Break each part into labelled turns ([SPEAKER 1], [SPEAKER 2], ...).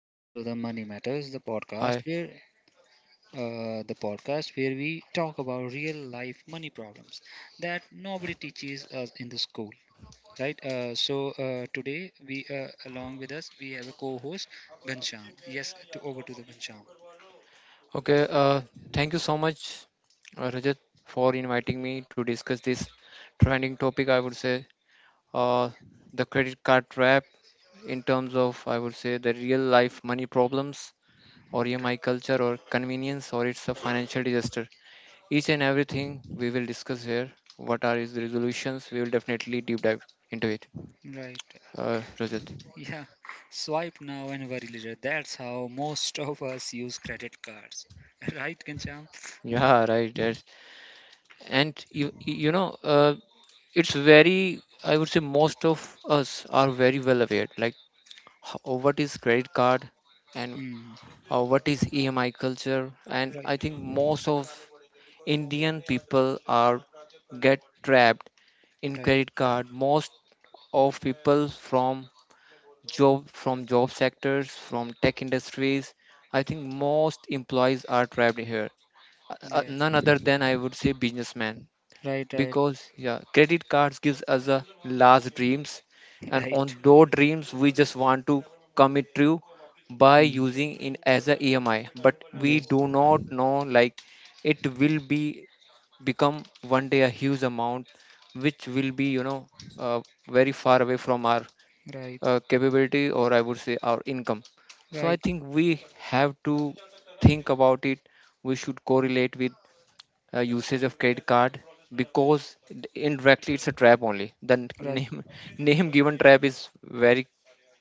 [SPEAKER 1] Welcome to the Money Matters,
[SPEAKER 2] Hi.
[SPEAKER 1] the podcast where we talk about real life money problems that nobody teaches us in the school, right? Today we along with us we have a co-host Gansham. Yes, to over to the Gansham.
[SPEAKER 2] Okay. Thank you so much, Rajat, for inviting me to discuss this trending topic. I would say, uh, the credit card trap, in terms of, I would say, the real life money problems, or EMI culture, or convenience, or it's a financial disaster. Each and everything we will discuss here. What are its resolutions? We will definitely deep dive into it.
[SPEAKER 1] Right. Right.
[SPEAKER 2] Rajat.
[SPEAKER 1] Yeah. Swipe now and worry later. That's how most of us use credit cards, right, Gansham?
[SPEAKER 2] Yeah, right. And it's very, I would say most of us are very well aware, like, what is credit card, and
[SPEAKER 1] Hmm.
[SPEAKER 2] what is EMI culture. And
[SPEAKER 1] Right.
[SPEAKER 2] I think most of Indian people are get trapped in
[SPEAKER 1] Right.
[SPEAKER 2] credit card, most of people from job sectors, from tech industries. I think most employees are trapped here.
[SPEAKER 1] Yes.
[SPEAKER 2] None other than, I would say, businessmen,
[SPEAKER 1] Right. Right.
[SPEAKER 2] because yeah, credit cards gives us a large dreams, and on
[SPEAKER 1] Right.
[SPEAKER 2] those dreams we just want to come it true by
[SPEAKER 1] Mm,
[SPEAKER 2] using in as a EMI, but we
[SPEAKER 1] yes,
[SPEAKER 2] do not know, like, it will be become one day a huge amount, which will be, uh, very far away from our
[SPEAKER 1] right,
[SPEAKER 2] capability, or I would say, our income. So I
[SPEAKER 1] right,
[SPEAKER 2] think we have to think about it. We should correlate with usage of credit card, because indirectly it's a trap only. The
[SPEAKER 1] right,
[SPEAKER 2] name given trap is very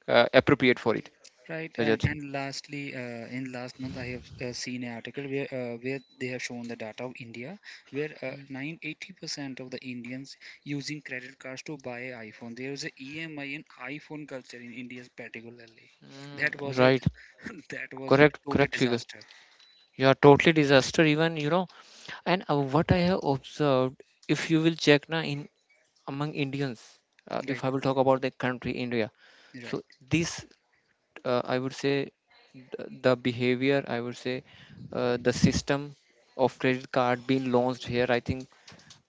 [SPEAKER 2] appropriate for it.
[SPEAKER 1] right. And
[SPEAKER 2] Rajat.
[SPEAKER 1] and lastly, in last month, I have seen an article where they have shown the data of India, where 980% of the Indians using credit cards to buy an iPhone. There is a EMI and iPhone culture in India particularly.
[SPEAKER 2] Mm,
[SPEAKER 1] That was a
[SPEAKER 2] right.
[SPEAKER 1] That was a
[SPEAKER 2] Correct.
[SPEAKER 1] total
[SPEAKER 2] Correct figure.
[SPEAKER 1] disaster.
[SPEAKER 2] You are totally
[SPEAKER 1] Right,
[SPEAKER 2] disaster.
[SPEAKER 1] right,
[SPEAKER 2] Even, and what I have observed, if you will check na in among Indians, if
[SPEAKER 1] right,
[SPEAKER 2] I will talk about the country India,
[SPEAKER 1] right,
[SPEAKER 2] so this, I would say the behavior, I would say the system of credit card being launched here. I think,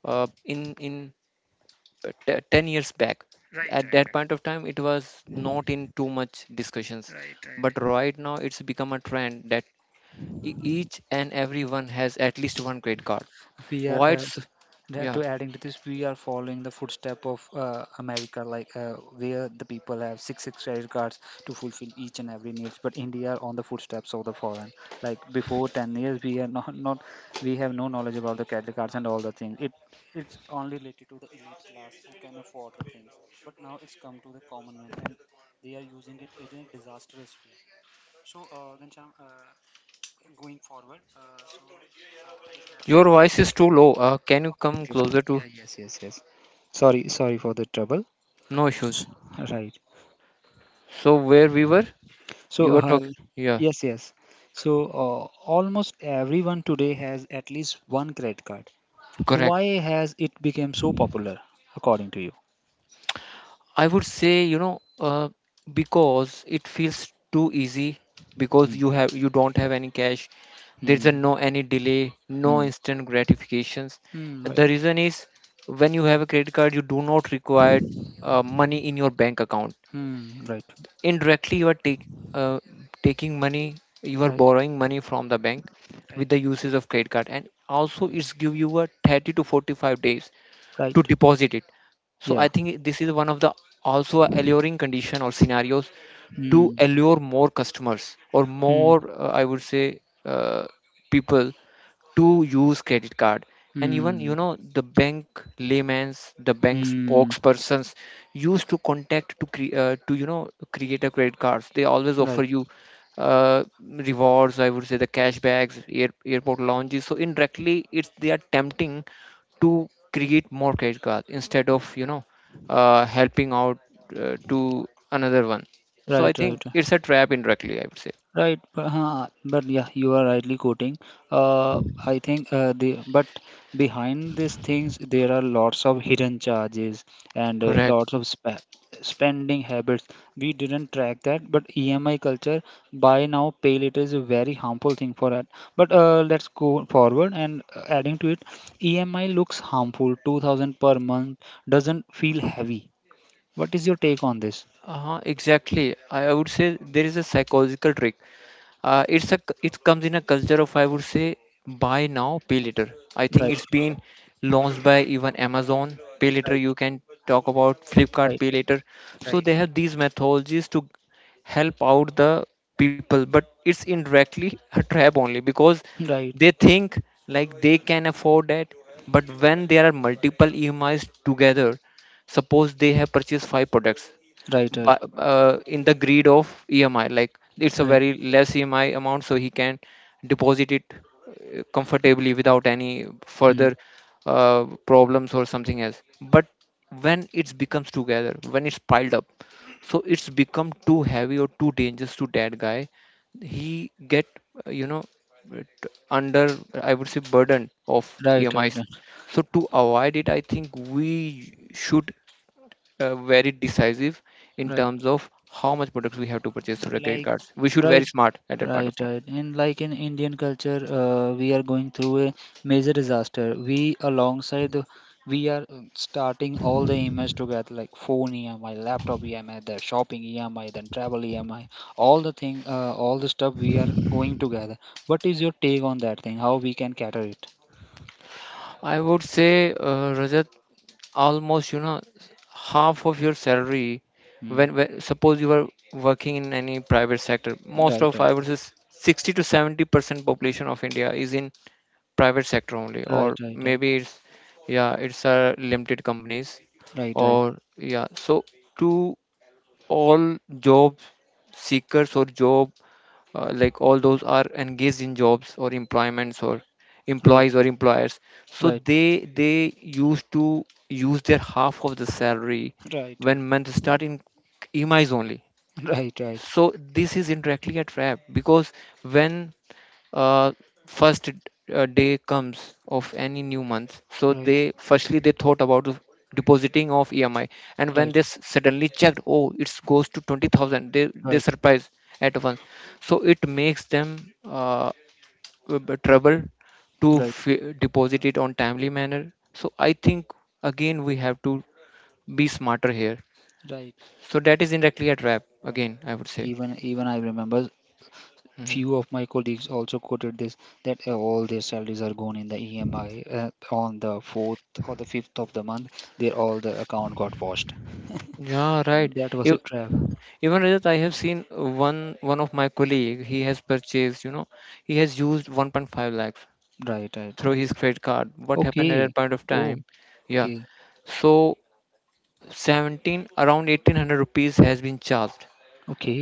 [SPEAKER 2] in uh, 10 years back.
[SPEAKER 1] right,
[SPEAKER 2] At
[SPEAKER 1] right,
[SPEAKER 2] that
[SPEAKER 1] right,
[SPEAKER 2] point of time it was not in too much discussions,
[SPEAKER 1] right. Right.
[SPEAKER 2] but right now it's become a trend that each and everyone has at least one credit card.
[SPEAKER 1] We are.
[SPEAKER 2] Why it's
[SPEAKER 1] Yeah,
[SPEAKER 2] Yeah,
[SPEAKER 1] to adding to this, we are following the footstep of America, like where the people have six credit cards to fulfill each and every needs. But India are on the footsteps of the foreign. Like before 10 years, we are not we have no knowledge about the credit cards and all the things. It's only related to the elite class who can afford the things. But now it's come to the common man, and they are using it in a disastrous way. So, Ghanshyam, going forward, I have.
[SPEAKER 2] your voice is too low. Can you
[SPEAKER 1] Okay,
[SPEAKER 2] come
[SPEAKER 1] okay, okay.
[SPEAKER 2] closer
[SPEAKER 1] Yeah,
[SPEAKER 2] to?
[SPEAKER 1] yes, yes, yes. Sorry, for the trouble.
[SPEAKER 2] No issues.
[SPEAKER 1] Right.
[SPEAKER 2] So where we were?
[SPEAKER 1] So,
[SPEAKER 2] You were talking? Yeah.
[SPEAKER 1] yes, yes. So, almost everyone today has at least one credit card.
[SPEAKER 2] Correct.
[SPEAKER 1] Why has it become so popular, according to you?
[SPEAKER 2] I would say, because it feels too easy, because
[SPEAKER 1] Hmm.
[SPEAKER 2] you don't have any cash. There's a
[SPEAKER 1] Hmm.
[SPEAKER 2] no any delay, no
[SPEAKER 1] Hmm.
[SPEAKER 2] instant gratifications.
[SPEAKER 1] Hmm.
[SPEAKER 2] The
[SPEAKER 1] Right.
[SPEAKER 2] reason is, when you have a credit card, you do not require money in your bank account.
[SPEAKER 1] Hmm. Right.
[SPEAKER 2] Indirectly, you are uh, taking money, you are
[SPEAKER 1] Right.
[SPEAKER 2] borrowing money from the bank with
[SPEAKER 1] Right.
[SPEAKER 2] the uses
[SPEAKER 1] Right.
[SPEAKER 2] of credit card, and also it's give you a 30 to 45 days to
[SPEAKER 1] Right.
[SPEAKER 2] deposit it. So I
[SPEAKER 1] Yeah.
[SPEAKER 2] think this is one of the also a alluring condition or scenarios, to
[SPEAKER 1] Hmm.
[SPEAKER 2] allure more customers, or
[SPEAKER 1] Hmm.
[SPEAKER 2] more, I would say, uh, people to use credit card. And even,
[SPEAKER 1] Hmm.
[SPEAKER 2] the bank layman's the bank
[SPEAKER 1] Hmm.
[SPEAKER 2] spokespersons used to contact to to create a credit cards. They always
[SPEAKER 1] Right.
[SPEAKER 2] offer you rewards, I would say the cashbacks, airport lounges. So indirectly it's, they are tempting to create more credit cards, instead of, helping out to another one. So I
[SPEAKER 1] Right. Right.
[SPEAKER 2] think
[SPEAKER 1] Right.
[SPEAKER 2] it's a trap indirectly, I would say.
[SPEAKER 1] Right, but, but yeah, you are rightly quoting. Uh, I think the but behind these things there are lots of hidden charges and
[SPEAKER 2] Correct.
[SPEAKER 1] lots of spending habits. We didn't track that, but EMI culture buy now pay later is a very harmful thing for that. But let's go forward and adding to it, EMI looks harmful. 2,000 per month doesn't feel heavy. What is your take on this?
[SPEAKER 2] Uh-huh, exactly. I would say there is a psychological trick. It comes in a culture of, I would say, buy now, pay later. I think
[SPEAKER 1] Right,
[SPEAKER 2] it's been launched by even Amazon. Pay later,
[SPEAKER 1] right,
[SPEAKER 2] you can talk about Flipkart
[SPEAKER 1] right,
[SPEAKER 2] Pay later. So
[SPEAKER 1] right.
[SPEAKER 2] they have these methodologies to help out the people, but it's indirectly a trap only, because
[SPEAKER 1] Right.
[SPEAKER 2] they think like they can afford that. But when there are multiple EMIs together, suppose they have purchased five products,
[SPEAKER 1] Right, right,
[SPEAKER 2] but in the greed of EMI, like it's a
[SPEAKER 1] right,
[SPEAKER 2] very less EMI amount, so he can deposit it comfortably without any
[SPEAKER 1] hmm,
[SPEAKER 2] further problems or something else. But when it becomes together, when it's piled up, so it's become too heavy or too dangerous to that guy. He get, uh, you know it under, I would say, burden of
[SPEAKER 1] right, right,
[SPEAKER 2] EMIs.
[SPEAKER 1] right,
[SPEAKER 2] So to avoid it, I think we should very decisive in
[SPEAKER 1] right.
[SPEAKER 2] terms of how much products we have to purchase through the credit
[SPEAKER 1] Like,
[SPEAKER 2] cards. We should very
[SPEAKER 1] right,
[SPEAKER 2] smart at that point
[SPEAKER 1] right,
[SPEAKER 2] of time.
[SPEAKER 1] right. And like in Indian culture, we are going through a major disaster. We are starting all the EMIs together, like phone EMI, laptop EMI, the shopping EMI, then travel EMI, all the thing, all the stuff we are going together. What is your take on that thing? How we can cater it?
[SPEAKER 2] I would say, Rajat, almost, half of your salary.
[SPEAKER 1] Hmm.
[SPEAKER 2] When, suppose you are working in any private sector, most
[SPEAKER 1] Right,
[SPEAKER 2] of,
[SPEAKER 1] right,
[SPEAKER 2] I would say, 60 to 70% population of India is in private sector only, or
[SPEAKER 1] right, right,
[SPEAKER 2] maybe it's, yeah, it's a limited companies,
[SPEAKER 1] right, right, right,
[SPEAKER 2] or yeah. So to all job seekers, or job like, all those are engaged in jobs, or employments, or
[SPEAKER 1] right,
[SPEAKER 2] employees or employers. So
[SPEAKER 1] right,
[SPEAKER 2] they used to use their half of the salary
[SPEAKER 1] right, right,
[SPEAKER 2] when men
[SPEAKER 1] right,
[SPEAKER 2] start in EMIs only.
[SPEAKER 1] right, right.
[SPEAKER 2] So this is indirectly a trap because, when uh, first day comes of any new month, so
[SPEAKER 1] Right,
[SPEAKER 2] they firstly they thought about the depositing of EMI. And when
[SPEAKER 1] right,
[SPEAKER 2] they suddenly checked, oh, it goes to 20,000. They
[SPEAKER 1] right,
[SPEAKER 2] surprised at once. So it makes them uh, trouble to
[SPEAKER 1] right,
[SPEAKER 2] deposit it on timely manner. So I think again we have to be smarter here.
[SPEAKER 1] right,
[SPEAKER 2] So that
[SPEAKER 1] uh,
[SPEAKER 2] is indirectly a trap
[SPEAKER 1] right.
[SPEAKER 2] again, I would say.
[SPEAKER 1] Even I remember
[SPEAKER 2] Mhm.
[SPEAKER 1] few of my colleagues also quoted this that all their salaries are gone in the EMI on the fourth or the fifth of the month. Their all the account got washed.
[SPEAKER 2] Yeah, right.
[SPEAKER 1] That was a
[SPEAKER 2] if
[SPEAKER 1] trap.
[SPEAKER 2] Even Rajat, I have seen one of my colleague. He has purchased, he has used 1.5 lakhs
[SPEAKER 1] Right, right,
[SPEAKER 2] through
[SPEAKER 1] right.
[SPEAKER 2] his credit card. What happened at that
[SPEAKER 1] Okay.
[SPEAKER 2] point of
[SPEAKER 1] Oh,
[SPEAKER 2] time? Yeah,
[SPEAKER 1] okay,
[SPEAKER 2] so 17, around 1800 rupees has been charged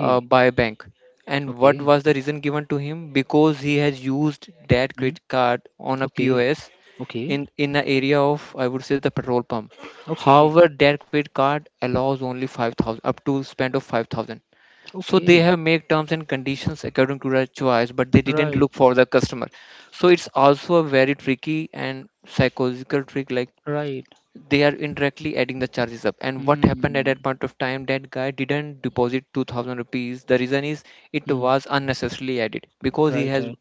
[SPEAKER 2] by a bank. And what
[SPEAKER 1] okay,
[SPEAKER 2] was the reason given to him? Because he has used that
[SPEAKER 1] mm,
[SPEAKER 2] credit card on a
[SPEAKER 1] okay,
[SPEAKER 2] POS
[SPEAKER 1] okay,
[SPEAKER 2] in the area of, I would say, the petrol pump.
[SPEAKER 1] okay,
[SPEAKER 2] However, that credit card allows only 5,000, up to spend of 5,000. So they
[SPEAKER 1] okay.
[SPEAKER 2] have made terms and conditions according to their choice, but they didn't
[SPEAKER 1] Right,
[SPEAKER 2] look for the customer. So it's also a very tricky and psychological trick. Like,
[SPEAKER 1] right.
[SPEAKER 2] they are indirectly adding the charges up. And what happened at that
[SPEAKER 1] Mm,
[SPEAKER 2] point of time? That guy didn't deposit 2,000 rupees. The reason is, it
[SPEAKER 1] mm,
[SPEAKER 2] was unnecessarily added, because he
[SPEAKER 1] right,
[SPEAKER 2] has
[SPEAKER 1] right,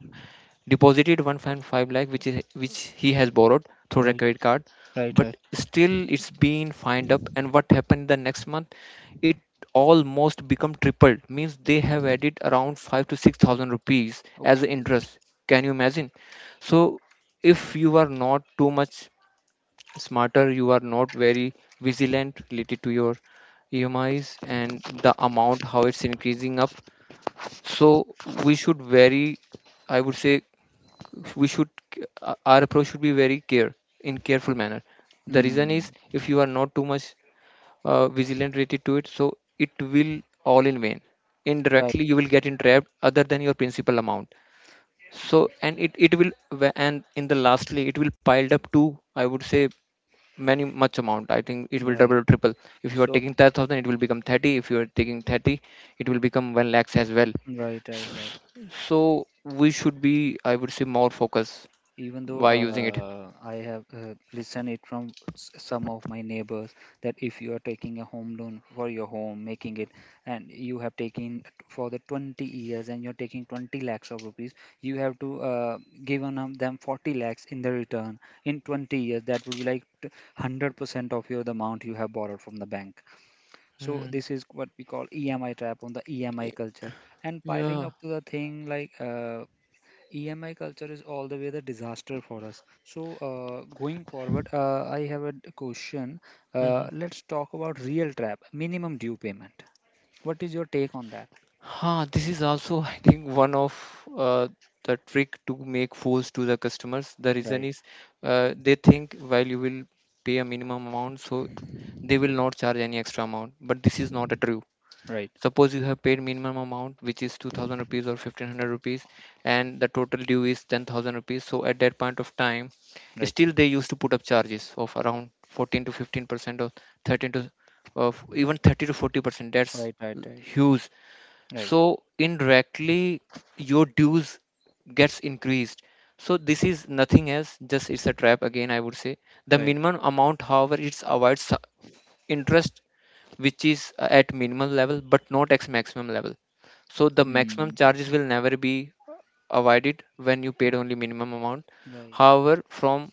[SPEAKER 2] deposited 1.5 lakh which he has borrowed through a
[SPEAKER 1] right.
[SPEAKER 2] credit card.
[SPEAKER 1] Right,
[SPEAKER 2] But
[SPEAKER 1] right.
[SPEAKER 2] still it's been fined up, and what happened the next month, it almost become tripled, means they have added around 5 to 6,000 rupees as
[SPEAKER 1] Okay. Okay.
[SPEAKER 2] interest. Can you imagine? So if you are not too much smarter, you are not very vigilant related to your EMIs and the amount how it's increasing up. So we should very, I would say, we should, our approach should be very careful manner. The reason
[SPEAKER 1] Hmm.
[SPEAKER 2] is, if you are not too much vigilant related to it, so it will all in vain.
[SPEAKER 1] Right,
[SPEAKER 2] Indirectly you will get entrapped other than your principal amount. So and it will, wh- and in the lastly it will piled up to, I would say, many much amount. I think it will
[SPEAKER 1] right.
[SPEAKER 2] double, triple. If you are
[SPEAKER 1] So,
[SPEAKER 2] taking 10,000, it will become 30. If you are taking 30, it will become 1 lakhs as well.
[SPEAKER 1] right, right, right.
[SPEAKER 2] S- so we should be, I would say, more focused.
[SPEAKER 1] Even though
[SPEAKER 2] Why using it?
[SPEAKER 1] I have listened it from some of my neighbors that if you are taking a home loan for your home, making it, and you have taken for the 20 years and you're taking 20 lakhs of rupees, you have to give on them 40 lakhs in the return in 20 years. That would be like 100% of your the amount you have borrowed from the bank. So
[SPEAKER 2] Mm,
[SPEAKER 1] this is what we call EMI trap on the EMI
[SPEAKER 2] y-
[SPEAKER 1] culture. And piling
[SPEAKER 2] yeah.
[SPEAKER 1] up to the thing like EMI culture is all the way the disaster for us. So going forward, I have a question.
[SPEAKER 2] Hmm.
[SPEAKER 1] Let's talk about real trap, minimum due payment. What is your take on that?
[SPEAKER 2] Huh, this is also, I think, one of uh, the trick to make fools to the customers. The reason
[SPEAKER 1] Right,
[SPEAKER 2] is, they think, while you will pay a minimum amount, so they will not charge any extra amount. But this is not a true.
[SPEAKER 1] right,
[SPEAKER 2] Suppose you have paid minimum amount which is 2,000 rupees, or 1,500 rupees, and the total due is 10,000 rupees. So at that point of time,
[SPEAKER 1] right,
[SPEAKER 2] still they used to put up charges of around 14 to 15%, or 13 to, of even 30 to 40%. That's
[SPEAKER 1] right, right, right,
[SPEAKER 2] huge.
[SPEAKER 1] right,
[SPEAKER 2] So indirectly your dues gets increased. So this is nothing else, just it's a trap again, I would say. The
[SPEAKER 1] right.
[SPEAKER 2] minimum amount, however, it avoids interest, which is at minimal level, but not x maximum level. So the maximum
[SPEAKER 1] Mm,
[SPEAKER 2] charges will never be avoided when you paid only minimum amount.
[SPEAKER 1] right,
[SPEAKER 2] However, from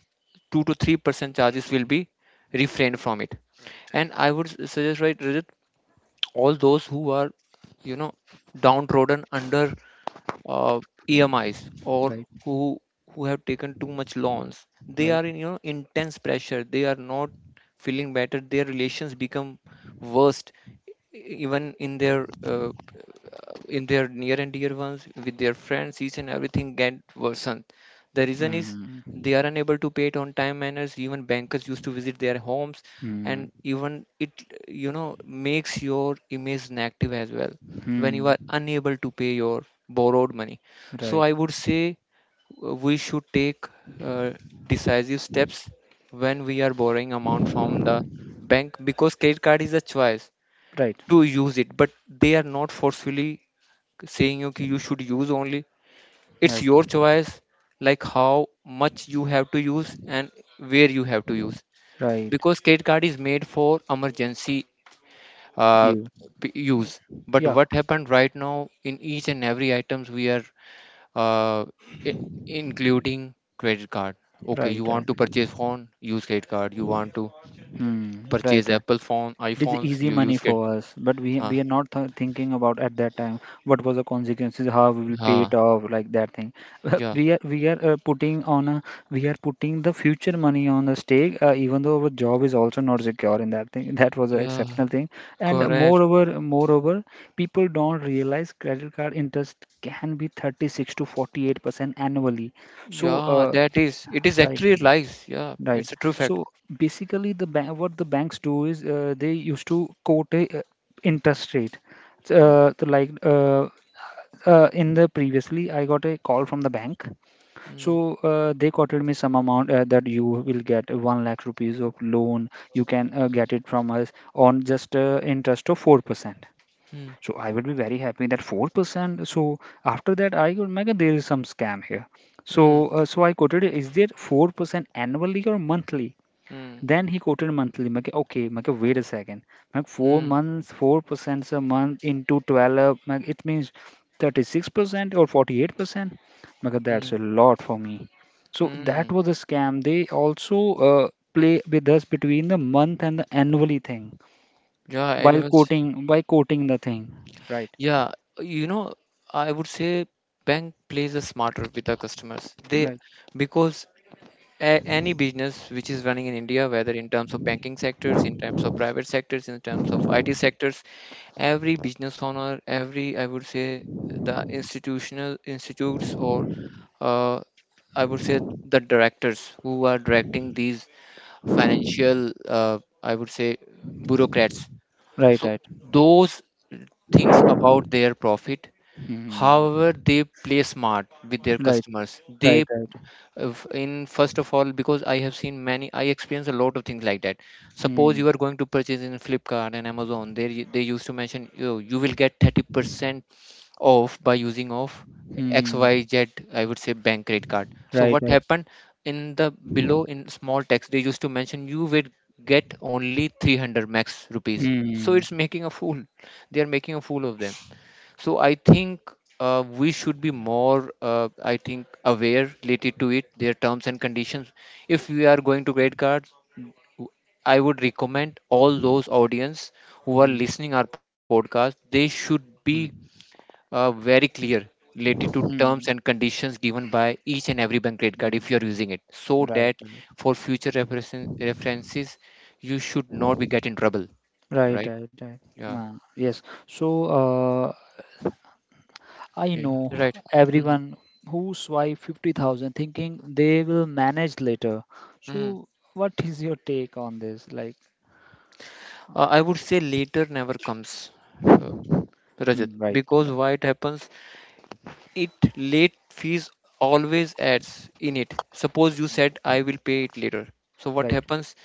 [SPEAKER 2] 2 to 3% charges will be refrained from it.
[SPEAKER 1] right,
[SPEAKER 2] And I would suggest, right Rajat, all those who are, you know downtrodden under uh, EMIs,
[SPEAKER 1] right,
[SPEAKER 2] or
[SPEAKER 1] right,
[SPEAKER 2] who who have taken too much loans. They are in,
[SPEAKER 1] right.
[SPEAKER 2] intense pressure. They are not feeling better. Their relations become worst, even in their near and dear ones, with their friends, each and everything get worsened. The reason is,
[SPEAKER 1] Mm,
[SPEAKER 2] they are unable to pay it on time manners. Even bankers used to visit their homes.
[SPEAKER 1] mm,
[SPEAKER 2] And even it, makes your image negative as well, when you
[SPEAKER 1] mm.
[SPEAKER 2] are unable to pay your borrowed money. So
[SPEAKER 1] Right,
[SPEAKER 2] I would say we should take uh, decisive steps when we are borrowing amount from the bank, because credit card is a choice
[SPEAKER 1] right,
[SPEAKER 2] to use it, but they are not forcefully saying you ki you should use only. It's
[SPEAKER 1] right,
[SPEAKER 2] your choice, like how much you have to use and where you have to use,
[SPEAKER 1] right.
[SPEAKER 2] because credit card is made for emergency uh,
[SPEAKER 1] You.
[SPEAKER 2] use. But
[SPEAKER 1] Yeah,
[SPEAKER 2] what happened right now, in each and every items we are uh, i- including credit card. Okay, you
[SPEAKER 1] right, right.
[SPEAKER 2] want to purchase phone, use credit card. You want to
[SPEAKER 1] Hmm, right,
[SPEAKER 2] purchase
[SPEAKER 1] right.
[SPEAKER 2] apple phone,
[SPEAKER 1] It is
[SPEAKER 2] iphones,
[SPEAKER 1] easy
[SPEAKER 2] you
[SPEAKER 1] money
[SPEAKER 2] use
[SPEAKER 1] for
[SPEAKER 2] credit.
[SPEAKER 1] us, but we
[SPEAKER 2] Ah,
[SPEAKER 1] are not th thinking about at that time what was the consequences, how we will pay
[SPEAKER 2] uh,
[SPEAKER 1] it off, like that thing.
[SPEAKER 2] yeah,
[SPEAKER 1] We are putting on a we are putting the future money on the stake, even though our job is also not secure in that thing. That was an
[SPEAKER 2] yeah,
[SPEAKER 1] exceptional thing, and
[SPEAKER 2] correct,
[SPEAKER 1] moreover, moreover, people don't realize credit card interest can be 36 to 48% annually. So,
[SPEAKER 2] yeah. that
[SPEAKER 1] uh,
[SPEAKER 2] is it is
[SPEAKER 1] right.
[SPEAKER 2] actually lies, yeah,
[SPEAKER 1] Right.
[SPEAKER 2] it's a true fact.
[SPEAKER 1] So basically, what the banks do is they used to quote a interest rate. So,
[SPEAKER 2] Mm,
[SPEAKER 1] Uh, so like uh, in the previously, I got a call from the bank.
[SPEAKER 2] mm,
[SPEAKER 1] So they quoted me some amount that you will get 1 lakh rupees of loan. You can get it from us on just interest of 4%.
[SPEAKER 2] mm,
[SPEAKER 1] So I would be very happy that 4%. So after that, I could make there is some scam here. So
[SPEAKER 2] mm,
[SPEAKER 1] I quoted, is there 4% annually or monthly?
[SPEAKER 2] mm,
[SPEAKER 1] Then he quoted monthly. Like, okay, like, wait a second. Like, four
[SPEAKER 2] mm,
[SPEAKER 1] months, 4% a month into 12. Like, it means 36% or 48%. Like, that's a
[SPEAKER 2] mm,
[SPEAKER 1] lot for me. So that
[SPEAKER 2] mm.
[SPEAKER 1] was a scam. They also play with us between the month and the annually thing
[SPEAKER 2] Yeah,
[SPEAKER 1] while
[SPEAKER 2] animals.
[SPEAKER 1] quoting by quoting the thing. Right.
[SPEAKER 2] Yeah, you know, I would say bank plays a smarter with the customers.
[SPEAKER 1] Right.
[SPEAKER 2] Because any business which is running in India, whether in terms of banking sectors, in terms of private sectors, in terms of IT sectors, every business owner, every, I would say, the institutional institutes, or uh, I would say the directors who are directing these financial, I would say, bureaucrats.
[SPEAKER 1] Right.
[SPEAKER 2] So
[SPEAKER 1] Right.
[SPEAKER 2] those things about their profit.
[SPEAKER 1] Hmm.
[SPEAKER 2] However, they play smart with their
[SPEAKER 1] Right.
[SPEAKER 2] customers. They
[SPEAKER 1] Right. Right.
[SPEAKER 2] uh, f- in first of all, because I have seen many, I experience a lot of things like that. Suppose
[SPEAKER 1] Hmm.
[SPEAKER 2] you are going to purchase in Flipkart and Amazon, they used to mention you will get 30% off by using of X
[SPEAKER 1] Hmm.
[SPEAKER 2] Y Z. I would say, bank credit card. So
[SPEAKER 1] Right.
[SPEAKER 2] what
[SPEAKER 1] Right.
[SPEAKER 2] happened, in the below in small text they used to mention you will get only 300 max rupees. So
[SPEAKER 1] Hmm.
[SPEAKER 2] it's making a fool. They are making a fool of them. So I think we should be more, I think, aware related to it, their terms and conditions. If we are going to credit cards, w- I would recommend all those audience who are
[SPEAKER 1] Hmm.
[SPEAKER 2] listening our podcast, they should be
[SPEAKER 1] Hmm.
[SPEAKER 2] very clear related to terms
[SPEAKER 1] Hmm.
[SPEAKER 2] and conditions given by each and every bank credit card if
[SPEAKER 1] Hmm.
[SPEAKER 2] you are using it, so
[SPEAKER 1] Right,
[SPEAKER 2] that for future references, you should not be get in trouble,
[SPEAKER 1] right,
[SPEAKER 2] right?
[SPEAKER 1] right, right.
[SPEAKER 2] Yeah,
[SPEAKER 1] Nah, yes. So uh, I
[SPEAKER 2] yeah,
[SPEAKER 1] know
[SPEAKER 2] right. Mhm.
[SPEAKER 1] everyone who swipe 50,000 thinking they will manage later.
[SPEAKER 2] Mhm.
[SPEAKER 1] So what is your take on this? Like,
[SPEAKER 2] I would say later never comes, uh, Rajat,
[SPEAKER 1] hmm, right,
[SPEAKER 2] because
[SPEAKER 1] right,
[SPEAKER 2] why it happens? It late fees always adds in it. Suppose you said I will pay it later. So what
[SPEAKER 1] right.
[SPEAKER 2] happens?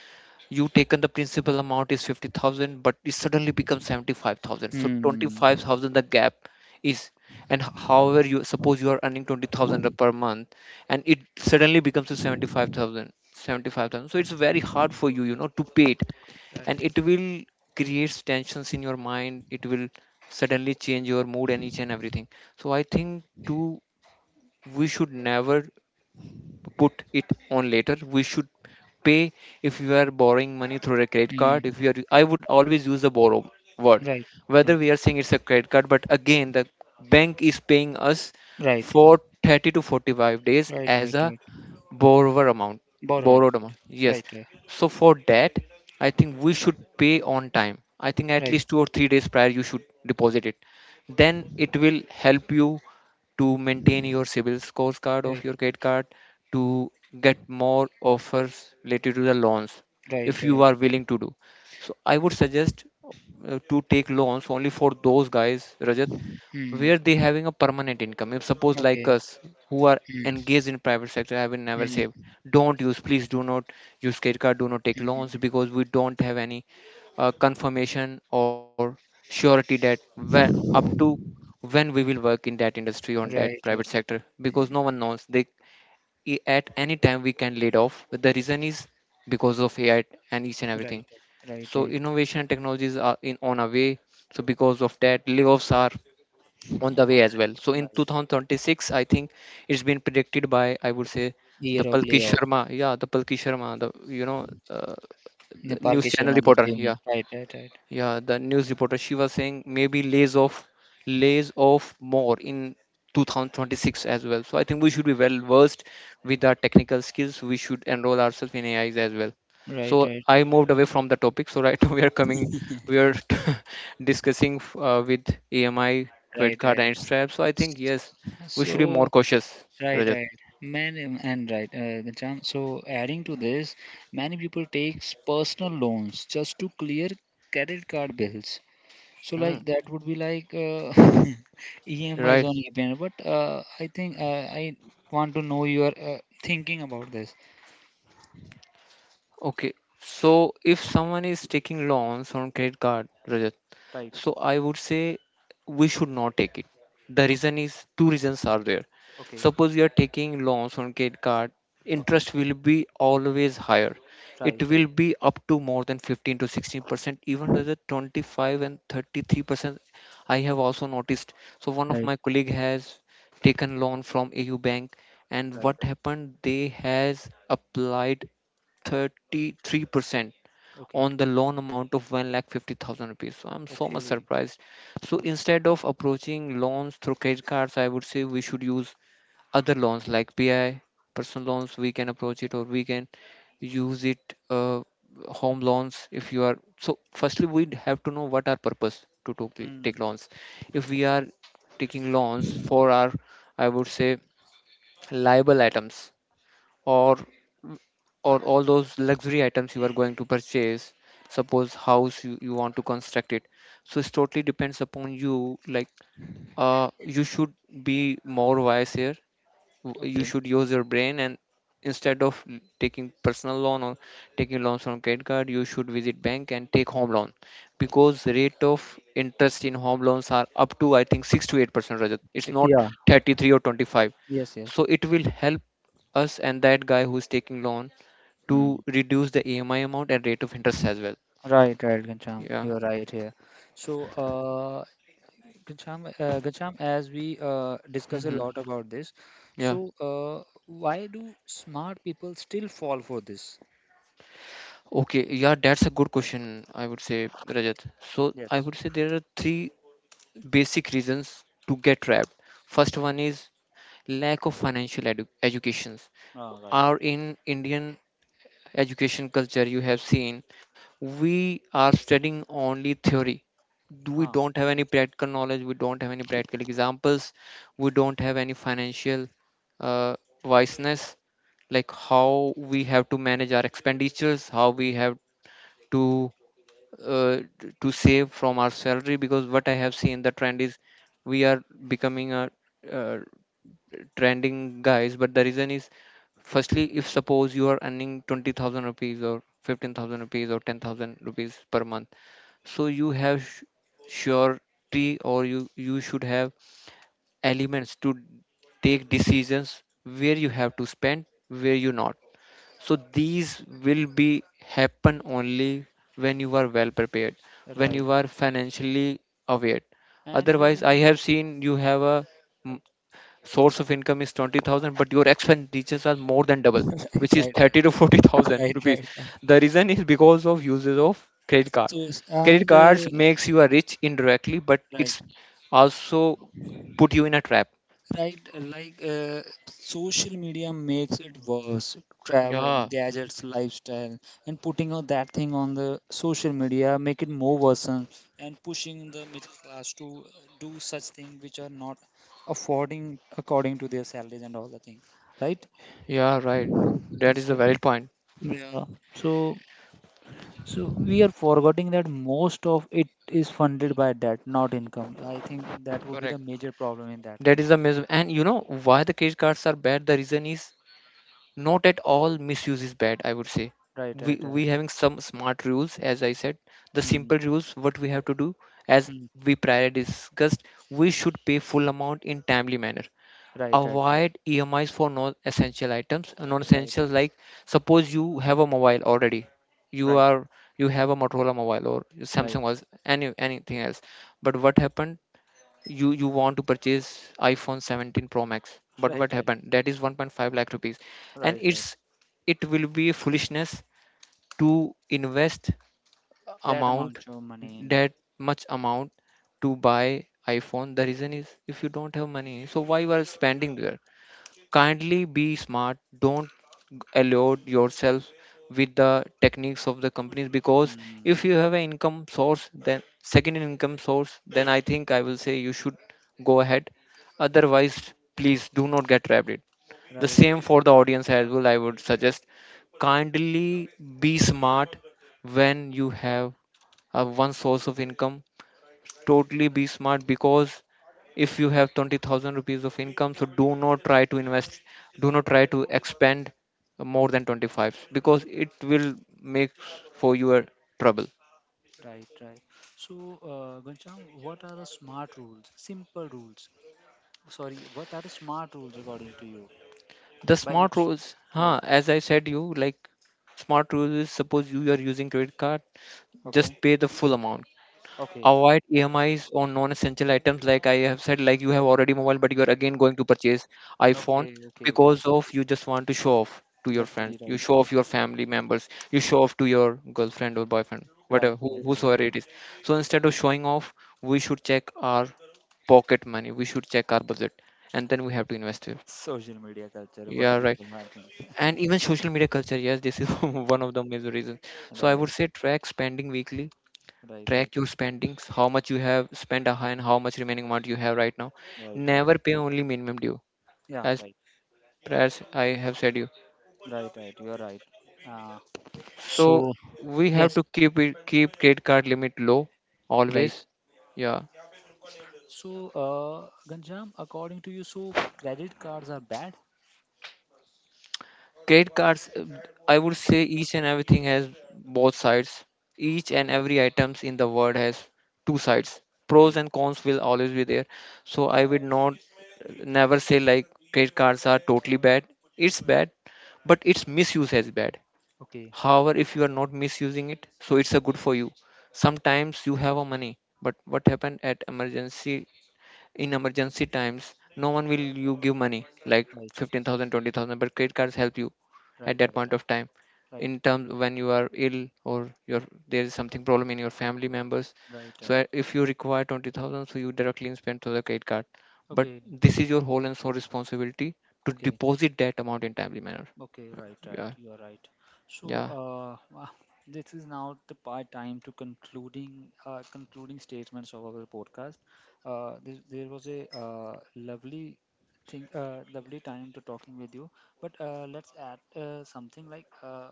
[SPEAKER 2] You taken the principal amount is 50,000, but it suddenly becomes 75,000. So twenty
[SPEAKER 1] Hmm,
[SPEAKER 2] five thousand the gap is, and however, you suppose you are earning 20,000 per month, and it suddenly becomes to 75,000. 75,000, so it's very hard for you you know to pay it. And it will create tensions in your mind. It will suddenly change your mood and each and everything. So I think too, we should never put it on later. We should pay. If you are borrowing money through a credit card, if
[SPEAKER 1] hmm,
[SPEAKER 2] you are I would always use the borrow word.
[SPEAKER 1] right, right,
[SPEAKER 2] Whether we are saying it's a credit card, but again the bank is paying us
[SPEAKER 1] right,
[SPEAKER 2] for 30 to 45 days
[SPEAKER 1] right,
[SPEAKER 2] as
[SPEAKER 1] right,
[SPEAKER 2] a
[SPEAKER 1] right.
[SPEAKER 2] borrower amount.
[SPEAKER 1] Borrower, money.
[SPEAKER 2] Borrowed amount, yes.
[SPEAKER 1] Right, right,
[SPEAKER 2] So for that, I think we should pay on time. I think at
[SPEAKER 1] right,
[SPEAKER 2] least 2 or 3 days prior, you should deposit it, then it will help you to maintain your civil scores card of
[SPEAKER 1] right,
[SPEAKER 2] your credit card, to get more offers related to the loans,
[SPEAKER 1] right,
[SPEAKER 2] if you
[SPEAKER 1] right.
[SPEAKER 2] are willing to do. So I would suggest, to take loans only for those guys, Rajat,
[SPEAKER 1] Hmm,
[SPEAKER 2] where they having a permanent income. If suppose like
[SPEAKER 1] okay.
[SPEAKER 2] us, who are
[SPEAKER 1] Hmm,
[SPEAKER 2] engaged in private sector, have been never saved,
[SPEAKER 1] hmm,
[SPEAKER 2] don't use, please do not use credit card. Do not take
[SPEAKER 1] hmm. Hmm.
[SPEAKER 2] loans, because we don't have any confirmation or surety that when, up to when we will work in that industry on
[SPEAKER 1] Right,
[SPEAKER 2] that private
[SPEAKER 1] right,
[SPEAKER 2] sector, because no
[SPEAKER 1] hmm,
[SPEAKER 2] one knows. At any time we can laid off, but the reason is because of AI and each and everything.
[SPEAKER 1] right, right,
[SPEAKER 2] So
[SPEAKER 1] right,
[SPEAKER 2] innovation and technologies are in on a way. So because of that, layoffs are on the way as well. So in
[SPEAKER 1] right.
[SPEAKER 2] 2026, I think it's been predicted by, I would say, the
[SPEAKER 1] Year of
[SPEAKER 2] Palki
[SPEAKER 1] layoff.
[SPEAKER 2] Sharma, yeah, the Palki Sharma, the you know the
[SPEAKER 1] Nepal
[SPEAKER 2] news
[SPEAKER 1] Ki
[SPEAKER 2] channel
[SPEAKER 1] Sharma, the
[SPEAKER 2] reporter,
[SPEAKER 1] famous.
[SPEAKER 2] yeah.
[SPEAKER 1] Right, right, right.
[SPEAKER 2] Yeah, the news reporter, she was saying, maybe lays off more in 2026 as well. So I think we should be well versed with our technical skills. We should enroll ourselves in AIs as well.
[SPEAKER 1] Right,
[SPEAKER 2] So
[SPEAKER 1] right,
[SPEAKER 2] I moved away from the topic. So right now we are coming, we are discussing with AMI credit
[SPEAKER 1] right,
[SPEAKER 2] card and
[SPEAKER 1] right.
[SPEAKER 2] its trap. So I think, yes, we should be more
[SPEAKER 1] So,
[SPEAKER 2] cautious,
[SPEAKER 1] right,
[SPEAKER 2] Rajat.
[SPEAKER 1] right. Man, and right, Ghanshyam, so adding to this, many people takes personal loans just to clear credit card bills. So,
[SPEAKER 2] Hmm.
[SPEAKER 1] like that would be like EMIs
[SPEAKER 2] Right.
[SPEAKER 1] on EPN. But I think I want to know your thinking about this.
[SPEAKER 2] Okay. So if someone is taking loans on credit card, Rajat,
[SPEAKER 1] Right.
[SPEAKER 2] so I would say we should not take it. The
[SPEAKER 1] Okay.
[SPEAKER 2] reason is, two reasons are there.
[SPEAKER 1] Okay.
[SPEAKER 2] Suppose you are taking loans on credit card,
[SPEAKER 1] Okay.
[SPEAKER 2] interest will be always higher. It
[SPEAKER 1] Right. Right.
[SPEAKER 2] will be up to more than 15 to 16%, even though the 25 and 33%. I have also noticed. So one of
[SPEAKER 1] Right.
[SPEAKER 2] my colleague has taken loan from AU Bank, and
[SPEAKER 1] Right.
[SPEAKER 2] what
[SPEAKER 1] Right.
[SPEAKER 2] happened? They has applied 33%
[SPEAKER 1] Okay.
[SPEAKER 2] on the loan amount of 1 lakh 50,000 rupees. So I'm so much
[SPEAKER 1] Okay.
[SPEAKER 2] surprised. So instead of approaching loans through credit cards, I would say we should use other loans, like PI, personal loans, we can approach it, or we can use it, uh, home loans if you are. So firstly we have to know what our purpose to take
[SPEAKER 1] Hmm.
[SPEAKER 2] loans. If we are taking loans for our, I would say, liable items, or or all those luxury items you are going to purchase, suppose house you want to construct it. So it totally depends upon you, like you should be more wise here, you
[SPEAKER 1] Okay.
[SPEAKER 2] should use your brain, and instead of taking personal loan or taking loans from credit card, you should visit bank and take home loan. Because rate of interest in home loans are up to, I think, 6 to 8%, Rajat. It's
[SPEAKER 1] Y-
[SPEAKER 2] not
[SPEAKER 1] Yeah.
[SPEAKER 2] 33 or 25.
[SPEAKER 1] Yes, yes.
[SPEAKER 2] So it will help us and that guy who's taking loan to
[SPEAKER 1] Hmm.
[SPEAKER 2] reduce the ami amount and rate of interest as well.
[SPEAKER 1] Right, right, Ghanshyam.
[SPEAKER 2] Yeah.
[SPEAKER 1] You're right here. So, Ghanshyam, as we discuss a
[SPEAKER 2] Hmm.
[SPEAKER 1] lot about this,
[SPEAKER 2] Yeah.
[SPEAKER 1] so why do smart people still fall for this?
[SPEAKER 2] Okay, yeah, that's a good question. I would say, Rajat, so I
[SPEAKER 1] Yes.
[SPEAKER 2] would say there are three basic reasons to get trapped. First one is lack of financial educations.
[SPEAKER 1] Ah, right.
[SPEAKER 2] Our in Indian education culture, you have seen, we are studying only theory. We
[SPEAKER 1] Ah,
[SPEAKER 2] don't have any practical knowledge. We don't have any practical examples. We don't have any financial uh, wiseness, like how we have to manage our expenditures, how we have to to save from our salary, because what I have seen, the trend is we are becoming a uh, trending guys, but the reason is firstly if suppose you are earning 20,000 rupees or 15,000 rupees or 10,000 rupees per month, so you have surety, or you should have elements to take decisions where you have to spend, where you not. So these will be happen only when you are well prepared,
[SPEAKER 1] right,
[SPEAKER 2] when
[SPEAKER 1] right,
[SPEAKER 2] you are financially aware.
[SPEAKER 1] and
[SPEAKER 2] Otherwise I have seen, you have a mm,
[SPEAKER 1] right,
[SPEAKER 2] source of income is 20,000, but your expenditures are more than double, which is
[SPEAKER 1] right, right,
[SPEAKER 2] 30 to
[SPEAKER 1] right,
[SPEAKER 2] 40,000
[SPEAKER 1] right,
[SPEAKER 2] rupees.
[SPEAKER 1] right. Right.
[SPEAKER 2] The reason is because of uses of credit card.
[SPEAKER 1] So, s-
[SPEAKER 2] Credit
[SPEAKER 1] and
[SPEAKER 2] cards makes you a rich indirectly, but
[SPEAKER 1] right.
[SPEAKER 2] it's also put you in a trap.
[SPEAKER 1] Right, like social media makes it worse. Travel,
[SPEAKER 2] Yeah,
[SPEAKER 1] gadgets, lifestyle, and putting all that thing on the social media make it more worsen and pushing the middle class to do such thing which are not affording according to their salaries and all the thing. Right?
[SPEAKER 2] yeah, right. That is
[SPEAKER 1] So,
[SPEAKER 2] a valid point.
[SPEAKER 1] yeah. So so we are forgetting that most of it is funded by debt, not income. I think that would be the
[SPEAKER 2] Correct.
[SPEAKER 1] major problem in that
[SPEAKER 2] That
[SPEAKER 1] thing.
[SPEAKER 2] is the and you know why the credit cards are bad. The reason is not at all misuse is bad. I would say,
[SPEAKER 1] Right,
[SPEAKER 2] we
[SPEAKER 1] right, right.
[SPEAKER 2] we having some smart rules, as I said. The
[SPEAKER 1] Hmm.
[SPEAKER 2] simple rules what we have to do, as
[SPEAKER 1] Hmm.
[SPEAKER 2] we prior discussed, we should pay full amount in timely manner.
[SPEAKER 1] Right, right, right,
[SPEAKER 2] Avoid EMIs for non-essential items.
[SPEAKER 1] right,
[SPEAKER 2] Non-essential like, suppose you have a mobile already. You
[SPEAKER 1] right,
[SPEAKER 2] are you have a Motorola mobile or
[SPEAKER 1] right,
[SPEAKER 2] Samsung, was anything else. But what happened? You want to purchase iphone 17 pro max, but
[SPEAKER 1] right,
[SPEAKER 2] what
[SPEAKER 1] right,
[SPEAKER 2] happened? That is 1.5 lakh rupees, and
[SPEAKER 1] right, right.
[SPEAKER 2] it's it will be foolishness to invest
[SPEAKER 1] That
[SPEAKER 2] amount,
[SPEAKER 1] amount of money in.
[SPEAKER 2] that much amount, to buy iphone. The reason is if you don't have money, so why you are spending there? Kindly be smart, don't allowed yourself with the techniques of the companies. Because if
[SPEAKER 1] Mm,
[SPEAKER 2] you have an income source, then second income source, then I will say you should go ahead. Otherwise, please do not get trapped it. The
[SPEAKER 1] right,
[SPEAKER 2] same for the audience as well, I would suggest kindly be smart when you have a one source of income, totally be smart. Because if you have 20,000 rupees of income, so do not try to invest, do not try to expend more than 25, because it will make for your trouble.
[SPEAKER 1] right, right. So, Ghanshyam, what are the smart rules? Simple rules. Sorry, what are the smart rules according to you?
[SPEAKER 2] The
[SPEAKER 1] By
[SPEAKER 2] smart
[SPEAKER 1] which,
[SPEAKER 2] rules,
[SPEAKER 1] right?
[SPEAKER 2] huh, as I said you, like, smart rules is suppose you are using credit card, just
[SPEAKER 1] Okay,
[SPEAKER 2] pay the full amount.
[SPEAKER 1] okay,
[SPEAKER 2] Avoid EMIs on non-essential items, like I have said, like you have already mobile, but you are again going to purchase iPhone
[SPEAKER 1] okay, okay, okay. Okay.
[SPEAKER 2] because of you just want to show off to your
[SPEAKER 1] Luxury,
[SPEAKER 2] friends. You
[SPEAKER 1] right,
[SPEAKER 2] show off your family members. You show off to your girlfriend or boyfriend,
[SPEAKER 1] right,
[SPEAKER 2] whatever, who,
[SPEAKER 1] right, right.
[SPEAKER 2] whosoever it is. So instead of showing off, we should check our pocket money. We should check our budget, and then we have to invest it.
[SPEAKER 1] Social media culture, what
[SPEAKER 2] Yeah, right.
[SPEAKER 1] people are thinking.
[SPEAKER 2] And even social media culture, yes, this is one of the major reasons. So I
[SPEAKER 1] Right,
[SPEAKER 2] would say track spending weekly,
[SPEAKER 1] right, right,
[SPEAKER 2] track your spendings, how much you have spent and how much remaining amount you have right now.
[SPEAKER 1] right, right.
[SPEAKER 2] Never pay only minimum due,
[SPEAKER 1] Yeah,
[SPEAKER 2] as
[SPEAKER 1] right,
[SPEAKER 2] as I have said you.
[SPEAKER 1] right, right. You're right. Uh,
[SPEAKER 2] So
[SPEAKER 1] so
[SPEAKER 2] we have
[SPEAKER 1] yes,
[SPEAKER 2] to keep credit card limit low
[SPEAKER 1] right.
[SPEAKER 2] always. Yeah.
[SPEAKER 1] So, Ganjam, according to you, so credit cards are bad?
[SPEAKER 2] Credit cards, I would say each and everything has both sides. Each and
[SPEAKER 1] Okay,
[SPEAKER 2] every items in the world has two
[SPEAKER 1] okay,
[SPEAKER 2] sides. Pros
[SPEAKER 1] okay,
[SPEAKER 2] and cons will always be there. So I would not never say like credit cards are totally bad. It's bad, but its misuse is bad.
[SPEAKER 1] okay,
[SPEAKER 2] However, if you are not misusing it, so it's a good for you. Sometimes you have a money, but what happened at emergency, in emergency times, no one will you give money like
[SPEAKER 1] right,
[SPEAKER 2] 15,000, 20,000. But credit cards help you
[SPEAKER 1] right,
[SPEAKER 2] at
[SPEAKER 1] right,
[SPEAKER 2] that point
[SPEAKER 1] right,
[SPEAKER 2] of time,
[SPEAKER 1] right,
[SPEAKER 2] in terms when you are ill or your there is something problem in your family members.
[SPEAKER 1] right.
[SPEAKER 2] So
[SPEAKER 1] Right.
[SPEAKER 2] if you require 20,000, so you directly spend through the credit card. But
[SPEAKER 1] Okay,
[SPEAKER 2] this is your whole and sole responsibility to
[SPEAKER 1] okay,
[SPEAKER 2] deposit that amount in timely manner.
[SPEAKER 1] okay, right, right.
[SPEAKER 2] Yeah,
[SPEAKER 1] You are right. So,
[SPEAKER 2] yeah,
[SPEAKER 1] wow, this is now the part time to concluding statements of our podcast. There was a lovely lovely time to talking with you. But let's add something like.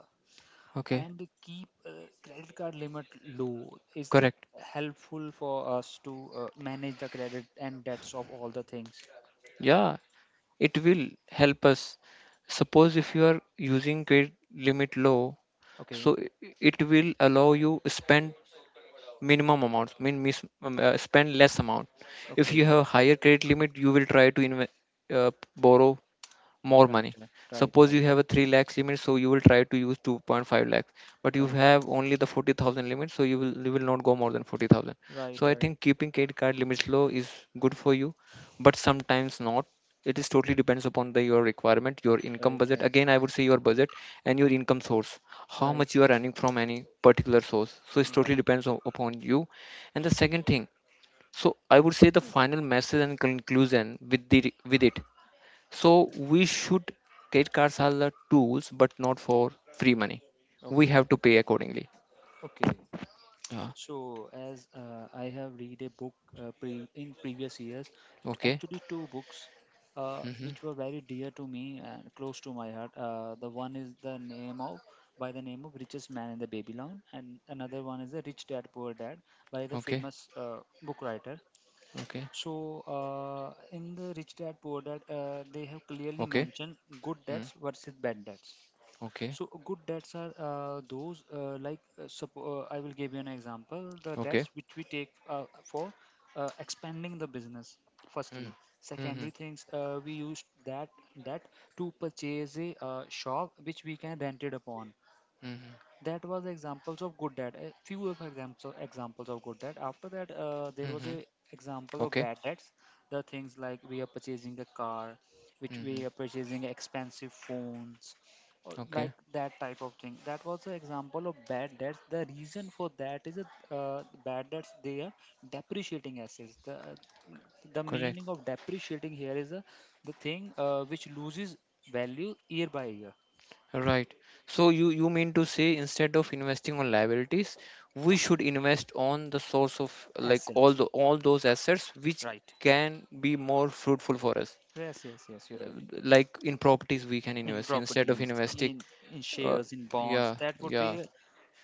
[SPEAKER 2] okay,
[SPEAKER 1] And Keep credit card limit low? Is it
[SPEAKER 2] correct,
[SPEAKER 1] helpful for us to manage the credit and debts of all the things?
[SPEAKER 2] yeah. It will help us. Suppose if you are using credit limit low,
[SPEAKER 1] Okay,
[SPEAKER 2] so it will allow you spend minimum amount, mean spend less amount. If
[SPEAKER 1] okay,
[SPEAKER 2] you have a higher credit limit, you will try to uh, borrow more
[SPEAKER 1] right,
[SPEAKER 2] money.
[SPEAKER 1] right, right,
[SPEAKER 2] Suppose
[SPEAKER 1] right,
[SPEAKER 2] you have a 3 lakhs limit, so you will try to use 2.5 lakhs, but you
[SPEAKER 1] right,
[SPEAKER 2] have only the 40,000 limit, so you will not go more than 40,000.
[SPEAKER 1] right,
[SPEAKER 2] So I
[SPEAKER 1] right,
[SPEAKER 2] think keeping credit card limits low is good for you, but sometimes not. It is totally depends upon the your requirement, your income
[SPEAKER 1] right,
[SPEAKER 2] budget.
[SPEAKER 1] right,
[SPEAKER 2] Again, I would say your budget and your income source, how
[SPEAKER 1] right.
[SPEAKER 2] much you are earning from any particular source. So it totally
[SPEAKER 1] Right.
[SPEAKER 2] depends upon you. And the second thing, so I would say the final message and conclusion with it, so we should, credit cards are the tools, but not for free money. We
[SPEAKER 1] Okay,
[SPEAKER 2] have to pay accordingly.
[SPEAKER 1] okay.
[SPEAKER 2] Yeah.
[SPEAKER 1] So, as I have read a book in previous years,
[SPEAKER 2] Okay.
[SPEAKER 1] actually two books,
[SPEAKER 2] Mm-hmm.
[SPEAKER 1] which were very dear to me and close to my heart. The one is the name of by the name of Richest Man in the Babylon, and another one is the Rich Dad Poor Dad by the
[SPEAKER 2] Okay.
[SPEAKER 1] famous book writer.
[SPEAKER 2] Okay.
[SPEAKER 1] So, in the Rich Dad Poor Dad, they have clearly
[SPEAKER 2] Okay.
[SPEAKER 1] mentioned good
[SPEAKER 2] Mm.
[SPEAKER 1] debts versus bad debts.
[SPEAKER 2] Okay.
[SPEAKER 1] So good debts are those, I will give you an example. The
[SPEAKER 2] Okay.
[SPEAKER 1] debts which we take for expanding the business. Firstly,
[SPEAKER 2] Mm. Mm-hmm.
[SPEAKER 1] secondary things we used that to purchase a shop which we can rent it upon.
[SPEAKER 2] Mm-hmm.
[SPEAKER 1] That was examples of good dad, a few of examples of good dad. After that there was
[SPEAKER 2] Mm-hmm.
[SPEAKER 1] a example of
[SPEAKER 2] Okay.
[SPEAKER 1] bad dads. The things like we are purchasing a car, which we
[SPEAKER 2] Mm-hmm.
[SPEAKER 1] are purchasing expensive phones, or like
[SPEAKER 2] Okay.
[SPEAKER 1] that type of thing. That was an example of bad debts. The reason for that is that bad debts, they are depreciating assets. The
[SPEAKER 2] Correct.
[SPEAKER 1] meaning of depreciating here is the thing which loses value year by year.
[SPEAKER 2] Right. So you mean to say instead of investing on liabilities,
[SPEAKER 1] The
[SPEAKER 2] we should invest on the source of, like, all
[SPEAKER 1] assets.
[SPEAKER 2] the all those assets which
[SPEAKER 1] Right.
[SPEAKER 2] can be more fruitful for us.
[SPEAKER 1] Yes, yes, yes, you're
[SPEAKER 2] uh,
[SPEAKER 1] right.
[SPEAKER 2] like in properties we can
[SPEAKER 1] In
[SPEAKER 2] invest, instead of
[SPEAKER 1] properties,
[SPEAKER 2] investing,
[SPEAKER 1] in
[SPEAKER 2] uh,
[SPEAKER 1] shares, in bonds,
[SPEAKER 2] yeah
[SPEAKER 1] that would
[SPEAKER 2] yeah
[SPEAKER 1] be a,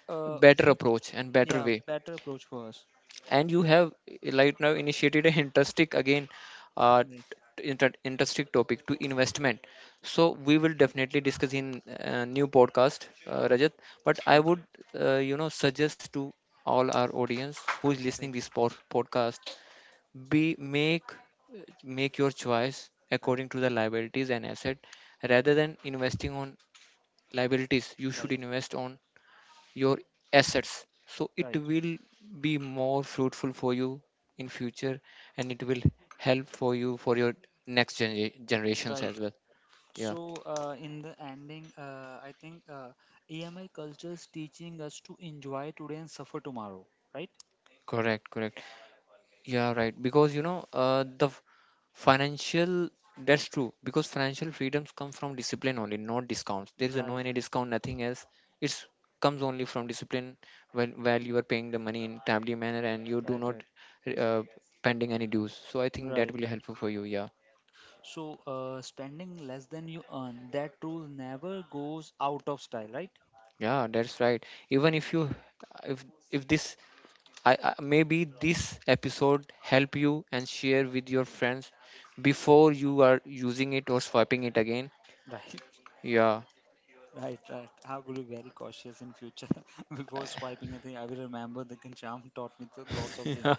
[SPEAKER 1] a
[SPEAKER 2] better
[SPEAKER 1] feat,
[SPEAKER 2] approach and better
[SPEAKER 1] yeah,
[SPEAKER 2] way.
[SPEAKER 1] better approach for us.
[SPEAKER 2] And you have, like, now initiated an interesting again, uh,
[SPEAKER 1] Right,
[SPEAKER 2] interesting topic to investment. So we will definitely discuss in new podcast, rajat. But I
[SPEAKER 1] right,
[SPEAKER 2] would, suggest to all our audience who is
[SPEAKER 1] right,
[SPEAKER 2] listening this podcast, be make make
[SPEAKER 1] right,
[SPEAKER 2] your choice
[SPEAKER 1] right,
[SPEAKER 2] according to the liabilities and asset. Rather than investing on liabilities, you should
[SPEAKER 1] right,
[SPEAKER 2] invest on your assets, so it
[SPEAKER 1] right,
[SPEAKER 2] will be more fruitful for you in future. And it will help for you, for your next generations
[SPEAKER 1] right.
[SPEAKER 2] as well. Yeah,
[SPEAKER 1] So, in the ending, I think EMI culture is teaching us to enjoy today and suffer tomorrow, right?
[SPEAKER 2] correct, correct. Yeah, right. Because you know, financial, that's true. Because financial freedoms come from discipline only, not discounts. There is a
[SPEAKER 1] Right,
[SPEAKER 2] no any
[SPEAKER 1] right,
[SPEAKER 2] discount, nothing else. It's comes only from discipline, when while you are paying the money in timely manner and you
[SPEAKER 1] right,
[SPEAKER 2] do
[SPEAKER 1] right,
[SPEAKER 2] not uh, pending any dues. So I think that
[SPEAKER 1] right,
[SPEAKER 2] will be
[SPEAKER 1] right.
[SPEAKER 2] helpful for you. Yeah,
[SPEAKER 1] So, spending less than you earn, that rule never goes out of style, right?
[SPEAKER 2] yeah, that's right. Even if if this, I maybe this episode help you and share with your friends before you are using it or swiping it again.
[SPEAKER 1] Right.
[SPEAKER 2] Yeah.
[SPEAKER 1] Right, right. I will be very cautious in future before swiping. I think I will remember the Ganjam taught me lots of things.
[SPEAKER 2] Yeah.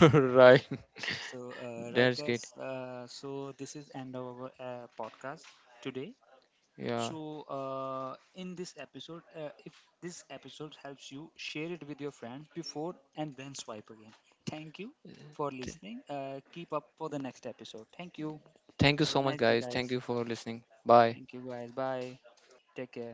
[SPEAKER 2] Right.
[SPEAKER 1] So, right,
[SPEAKER 2] That's great.
[SPEAKER 1] guys. So this is end of our podcast today.
[SPEAKER 2] Yeah.
[SPEAKER 1] So, in this episode, if this episode helps you, share it with your friends before and then swipe again. Thank you for
[SPEAKER 2] Th-
[SPEAKER 1] listening. Keep up for the next episode. Thank you.
[SPEAKER 2] Thank you
[SPEAKER 1] Have a
[SPEAKER 2] so much,
[SPEAKER 1] nice day,
[SPEAKER 2] guys.
[SPEAKER 1] guys.
[SPEAKER 2] Thank you for listening. Bye.
[SPEAKER 1] Thank you, guys. Bye. Take care.